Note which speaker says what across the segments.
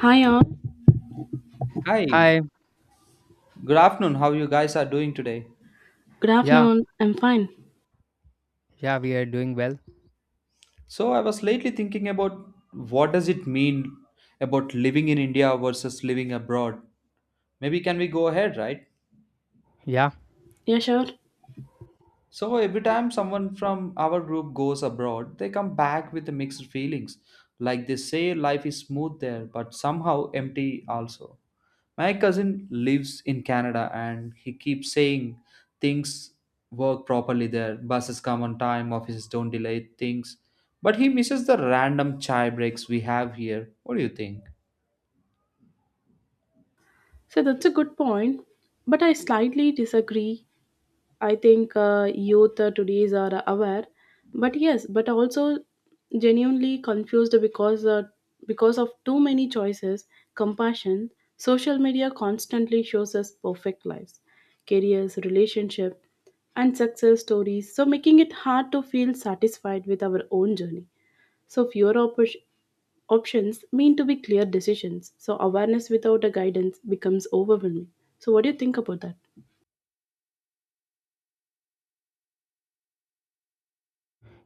Speaker 1: Hi all,
Speaker 2: Hi,
Speaker 3: Hi.
Speaker 2: good afternoon. How you guys are doing today?
Speaker 1: good
Speaker 3: Yeah,
Speaker 1: afternoon. I'm fine.
Speaker 3: yeah, we are doing well.
Speaker 2: So I was lately thinking about what does it mean about living in India versus living abroad. Maybe can we go ahead, right?
Speaker 3: Yeah,
Speaker 1: Yeah, sure.
Speaker 2: So every time someone from our group goes abroad, they come back with the mixed feelings. Like they say life is smooth there, but somehow empty also. My cousin lives in Canada and he keeps saying things work properly there. Buses come on time, offices don't delay things. But he misses the random chai breaks we have here. What do you think?
Speaker 1: So that's a good point, but I slightly disagree. I think youth today's are aware, but yes, but also genuinely confused because of too many choices, compassion, social media constantly shows us perfect lives, careers, relationship, and success stories, so making it hard to feel satisfied with our own journey. So options mean to be clear decisions. So awareness without a guidance becomes overwhelming. So what do you think about that?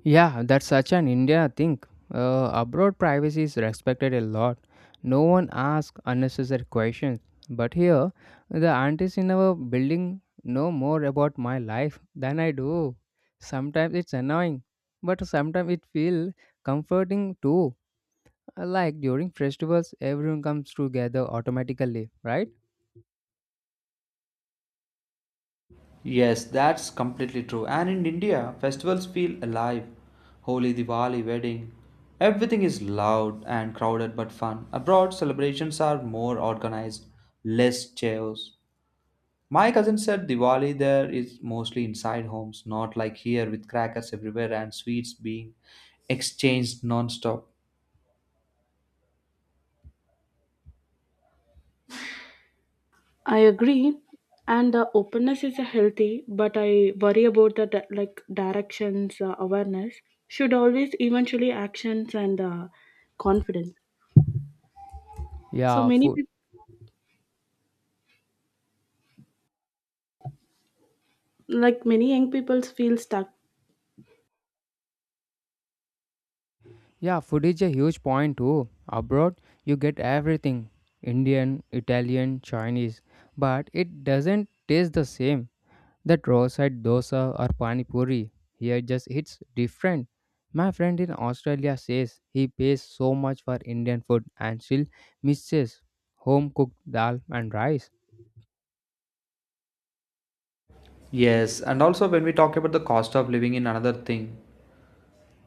Speaker 3: yeah, that's such an India thing. Abroad, privacy is respected a lot. No one asks unnecessary questions. But here, the aunties in our building know more about my life than I do. Sometimes it's annoying, but sometimes it feels comforting too. Like during festivals, everyone comes together automatically, right?
Speaker 2: Yes, that's completely true. And in India, festivals feel alive. Holi, Diwali, wedding. Everything is loud and crowded but fun. Abroad, celebrations are more organized, less chaos. My cousin said Diwali there is mostly inside homes, not like here with crackers everywhere and sweets being exchanged non-stop.
Speaker 1: I agree, and the openness is a healthy, but I worry about the like directions awareness should always eventually actions and confidence. So
Speaker 3: Yeah,
Speaker 1: many
Speaker 3: food.
Speaker 1: people, like many young people, feel stuck.
Speaker 3: Yeah, food is a huge point too. Abroad, you get everything Indian, Italian, Chinese, but it doesn't taste the same. That roadside dosa or pani puri here just hits different. My friend in Australia says he pays so much for Indian food and still misses home cooked dal and rice.
Speaker 2: Yes, and also when we talk about the cost of living in another thing,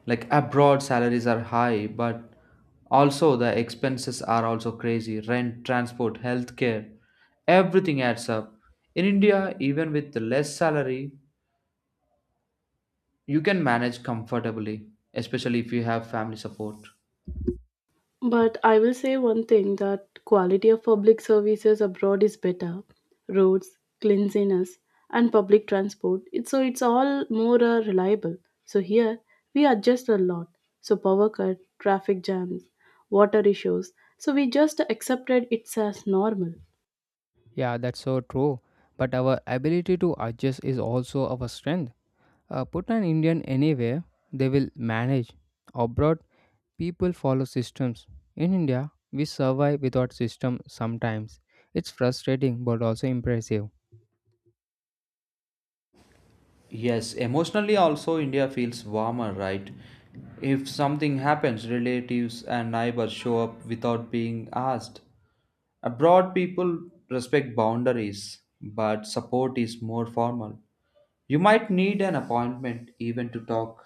Speaker 2: like abroad salaries are high, but also the expenses are also crazy. Rent, transport, healthcare, everything adds up. In India, even with less salary, you can manage comfortably, especially if you have family support.
Speaker 1: But I will say one thing that quality of public services abroad is better. Roads, cleanliness, and public transport. It's all more reliable. So here we adjust a lot. So power cut, traffic jams, water issues. So we just accepted it's as normal.
Speaker 3: Yeah, that's so true. But our ability to adjust is also our strength. Put an Indian anywhere, they will manage. Abroad, people follow systems. In India, we survive without system sometimes. It's frustrating but also impressive.
Speaker 2: Yes, emotionally also India feels warmer, right? If something happens, relatives and neighbors show up without being asked. Abroad, people respect boundaries, but support is more formal. You might need an appointment even to talk.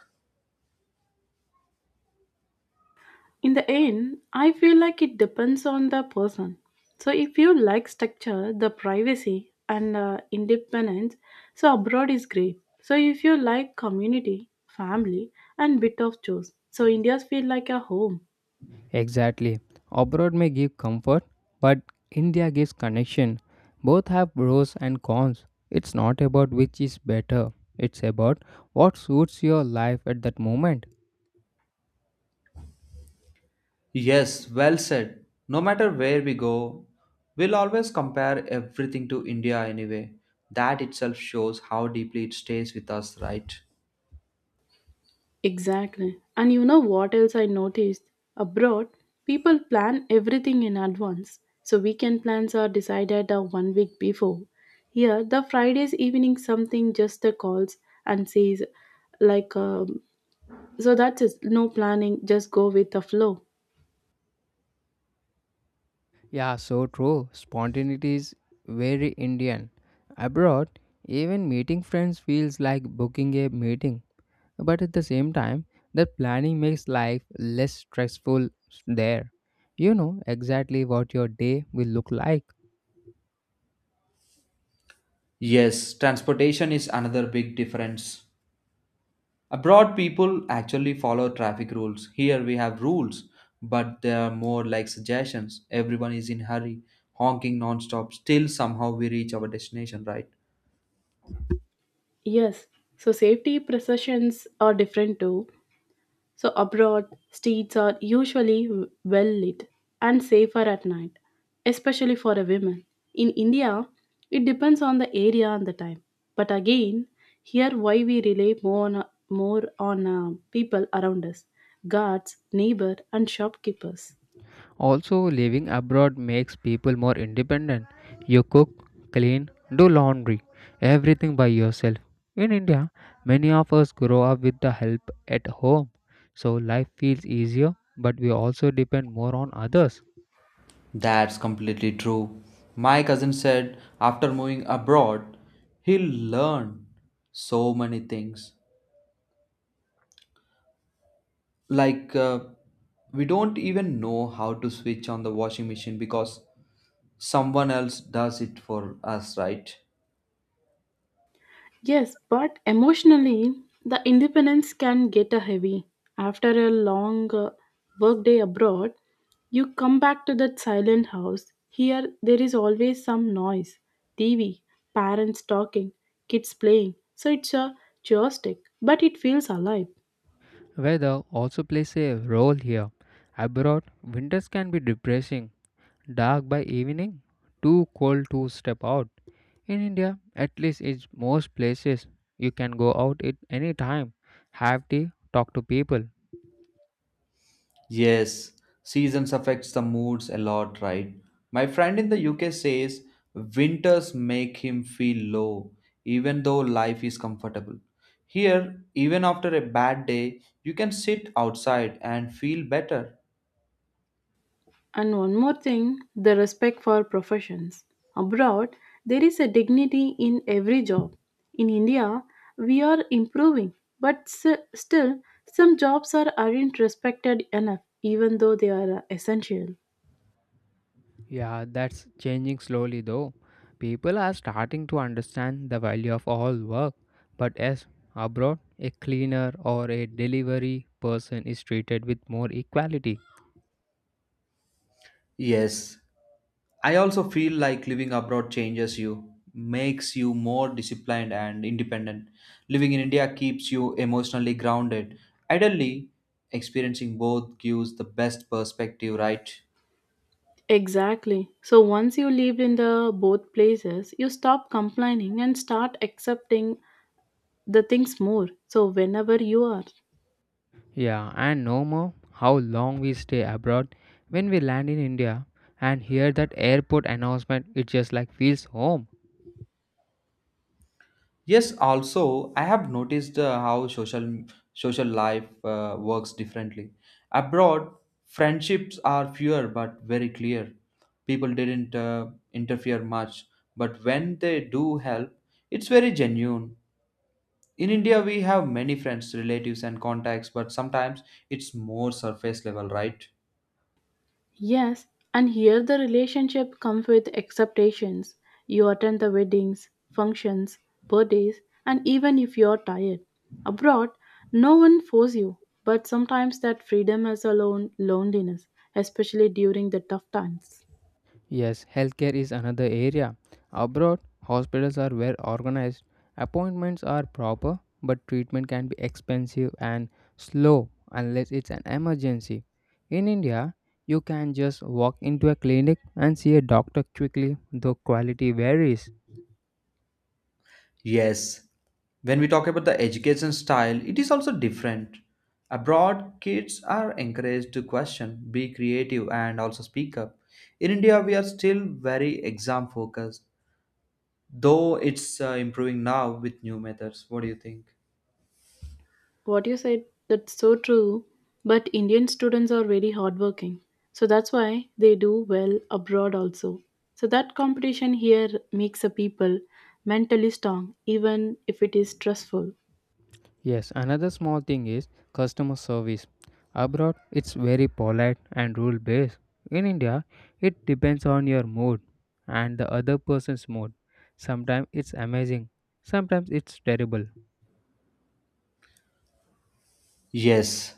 Speaker 1: In the end, I feel like it depends on the person. So, if you like structure, the privacy, and independence, so abroad is great. So, if you like community, family, and bit of chores, so India's feel like a home.
Speaker 3: Exactly. Abroad may give comfort, but India gives connection. Both have pros and cons. It's not about which is better, it's about what suits your life at that moment.
Speaker 2: Yes, well said. No matter where we go, we'll always compare everything to India anyway. That itself shows how deeply it stays with us, right?
Speaker 1: Exactly. And you know what else I noticed? Abroad, people plan everything in advance. So, weekend plans are decided 1 week before. Here, the Friday's evening, something just calls and says, like uh, so that is no planning, just go with the flow.
Speaker 3: Yeah, so true. Spontaneity is very Indian. Abroad, even meeting friends feels like booking a meeting, but at the same time, the planning makes life less stressful there. You know exactly what your day will look like.
Speaker 2: Yes, transportation is another big difference. Abroad, people actually follow traffic rules. Here we have rules, but they are more like suggestions. Everyone is in hurry, honking non-stop. Still, somehow we reach our destination, right?
Speaker 1: Yes. So safety precautions are different too. So abroad, streets are usually well lit and safer at night, especially for a women. In India, it depends on the area and the time. But again, here why we rely more on people around us, guards, neighbor, and shopkeepers.
Speaker 3: Also, living abroad makes people more independent. You cook, clean, do laundry, everything by yourself. In India, many of us grow up with the help at home, so life feels easier, but we also depend more on others.
Speaker 2: That's completely true. My cousin said after moving abroad, he learned so many things. Like we don't even know how to switch on the washing machine because someone else does it for us, right?
Speaker 1: Yes, but emotionally, the independence can get a heavy. After a long workday abroad, you come back to that silent house. Here, there is always some noise, TV, parents talking, kids playing. So it's a joystick, but it feels alive.
Speaker 3: Weather also plays a role here. Abroad, winters can be depressing. Dark by evening, too cold to step out. In India, at least in most places, you can go out at any time, have tea, talk to people.
Speaker 2: Yes, seasons affects the moods a lot, right? My friend in the UK says winters make him feel low, even though life is comfortable. Here, even after a bad day, you can sit outside and feel better.
Speaker 1: And one more thing, the respect for professions. Abroad, there is a dignity in every job. In India, we are improving, but still, some jobs are, aren't respected enough, even though they are essential.
Speaker 3: Yeah, that's changing slowly though. People are starting to understand the value of all work. But as abroad, a cleaner or a delivery person is treated with more equality.
Speaker 2: Yes, I also feel like living abroad changes you, makes you more disciplined and independent. Living in India keeps you emotionally grounded. Ideally, experiencing both gives the best perspective, right?
Speaker 1: Exactly. So once you lived in the both places, you stop complaining and start accepting the things more. So whenever you are.
Speaker 3: Yeah, and no more how long we stay abroad. When we land in India and hear that airport announcement, it just like feels home.
Speaker 2: Yes, also I have noticed how social life works differently. Abroad, friendships are fewer but very clear. People didn't interfere much, but when they do help, it's very genuine. In India, we have many friends, relatives, and contacts, but sometimes it's more surface level, right?
Speaker 1: Yes, and here the relationship comes with expectations. You attend the weddings, functions, birthdays, and even if you're tired. Abroad, no one force you, but sometimes that freedom is alone loneliness, especially during the tough times.
Speaker 3: Yes, healthcare is another area. Abroad, hospitals are well organized, appointments are proper, but treatment can be expensive and slow unless it's an emergency. In India, you can just walk into a clinic and see a doctor quickly, though quality varies.
Speaker 2: Yes, when we talk about the education style, it is also different. Abroad, kids are encouraged to question, be creative, and also speak up. In India, we are still very exam focused, though it's improving now with new methods. What do you think?
Speaker 1: What you said, that's so true, but Indian students are very hardworking. So that's why they do well abroad also. So that competition here makes a people mentally strong, even if it is stressful.
Speaker 3: Yes, another small thing is customer service. Abroad, it's very polite and rule based. In India, it depends on your mood and the other person's mood. Sometimes it's amazing, sometimes it's terrible.
Speaker 2: Yes,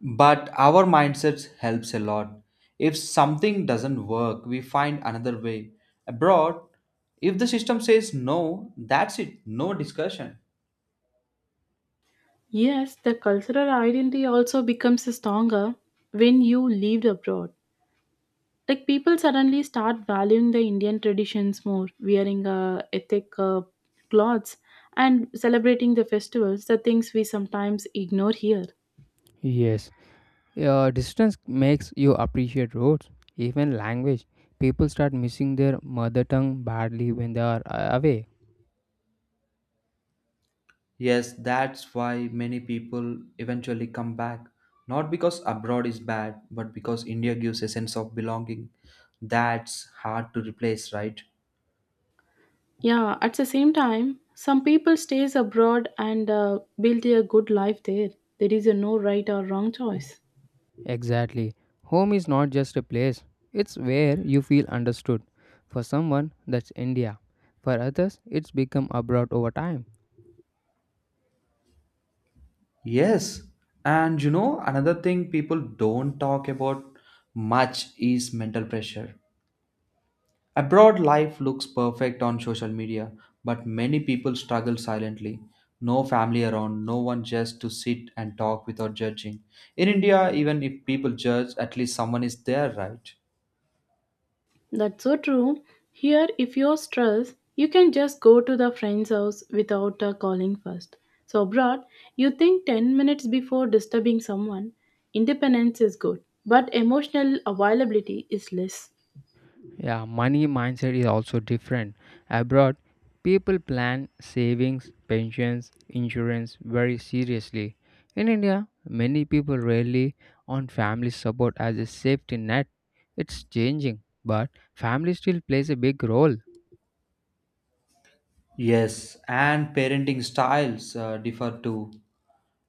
Speaker 2: but our mindsets helps a lot. If something doesn't work, we find another way. Abroad, if the system says no, that's it, no discussion.
Speaker 1: Yes, the cultural identity also becomes stronger when you lived abroad. Like people suddenly start valuing the Indian traditions more, wearing ethnic clothes and celebrating the festivals, the things we sometimes ignore here.
Speaker 3: Yes, your distance makes you appreciate roads, even language. People start missing their mother tongue badly when they are away.
Speaker 2: Yes, that's why many people eventually come back. Not because abroad is bad, but because India gives a sense of belonging. That's hard to replace, right?
Speaker 1: Yeah, at the same time, some people stays abroad and build a good life there. There is a no right or wrong choice.
Speaker 3: Exactly. Home is not just a place, it's where you feel understood. For someone, that's India. For others, it's become abroad over time.
Speaker 2: Yes. And you know, another thing people don't talk about much is mental pressure. Abroad life looks perfect on social media, but many people struggle silently. No family around, no one just to sit and talk without judging. In India, even if people judge, at least someone is there, right?
Speaker 1: That's so true. Here, if you're stressed, you can just go to the friend's house without calling first. So, abroad, you think 10 minutes before disturbing someone. Independence is good, but emotional availability is less.
Speaker 3: Yeah, money mindset is also different. Abroad, people plan savings, pensions, insurance very seriously. In India, many people rely on family support as a safety net. It's changing, but family still plays a big role.
Speaker 2: Yes, and parenting styles differ too.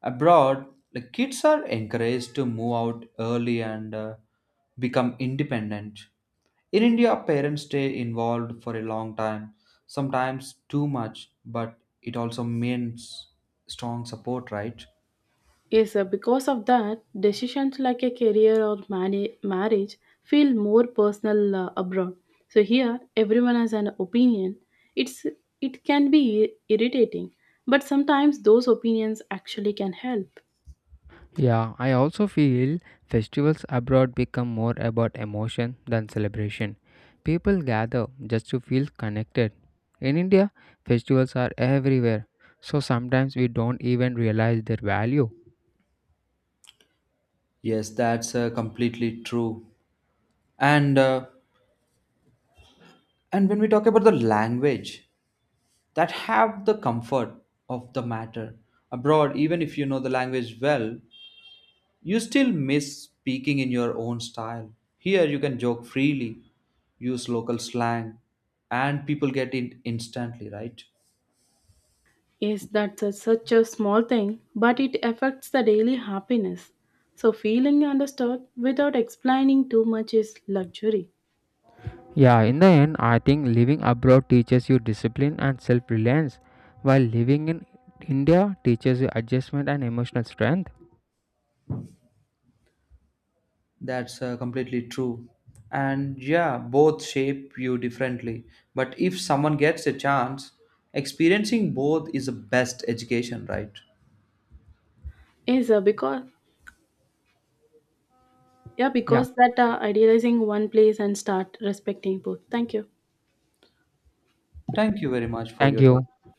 Speaker 2: Abroad, the kids are encouraged to move out early and become independent. In India, parents stay involved for a long time, sometimes too much, but it also means strong support, right?
Speaker 1: Yes, because of that, decisions like a career or marriage feel more personal abroad. So, here, everyone has an opinion. It's, it can be irritating, but sometimes those opinions actually can help.
Speaker 3: Yeah, I also feel festivals abroad become more about emotion than celebration. People gather just to feel connected. In India, festivals are everywhere, so sometimes we don't even realize their value.
Speaker 2: Yes, that's completely true. And uh, and when we talk about the language that have the comfort of the matter abroad, even if you know the language well, you still miss speaking in your own style. Here you can joke freely, use local slang, and people get it instantly, right?
Speaker 1: Yes, such a small thing, but it affects the daily happiness. So, feeling understood without explaining too much is luxury.
Speaker 3: Yeah, in the end, I think living abroad teaches you discipline and self reliance, while living in India teaches you adjustment and emotional strength.
Speaker 2: That's completely true. And yeah, both shape you differently. But if someone gets a chance, experiencing both is the best education, right?
Speaker 1: Yes,
Speaker 3: Yeah,
Speaker 1: because that idealizing one place and start respecting both. Thank you.
Speaker 2: Thank you very much for
Speaker 3: thank
Speaker 2: your
Speaker 3: you.
Speaker 2: time.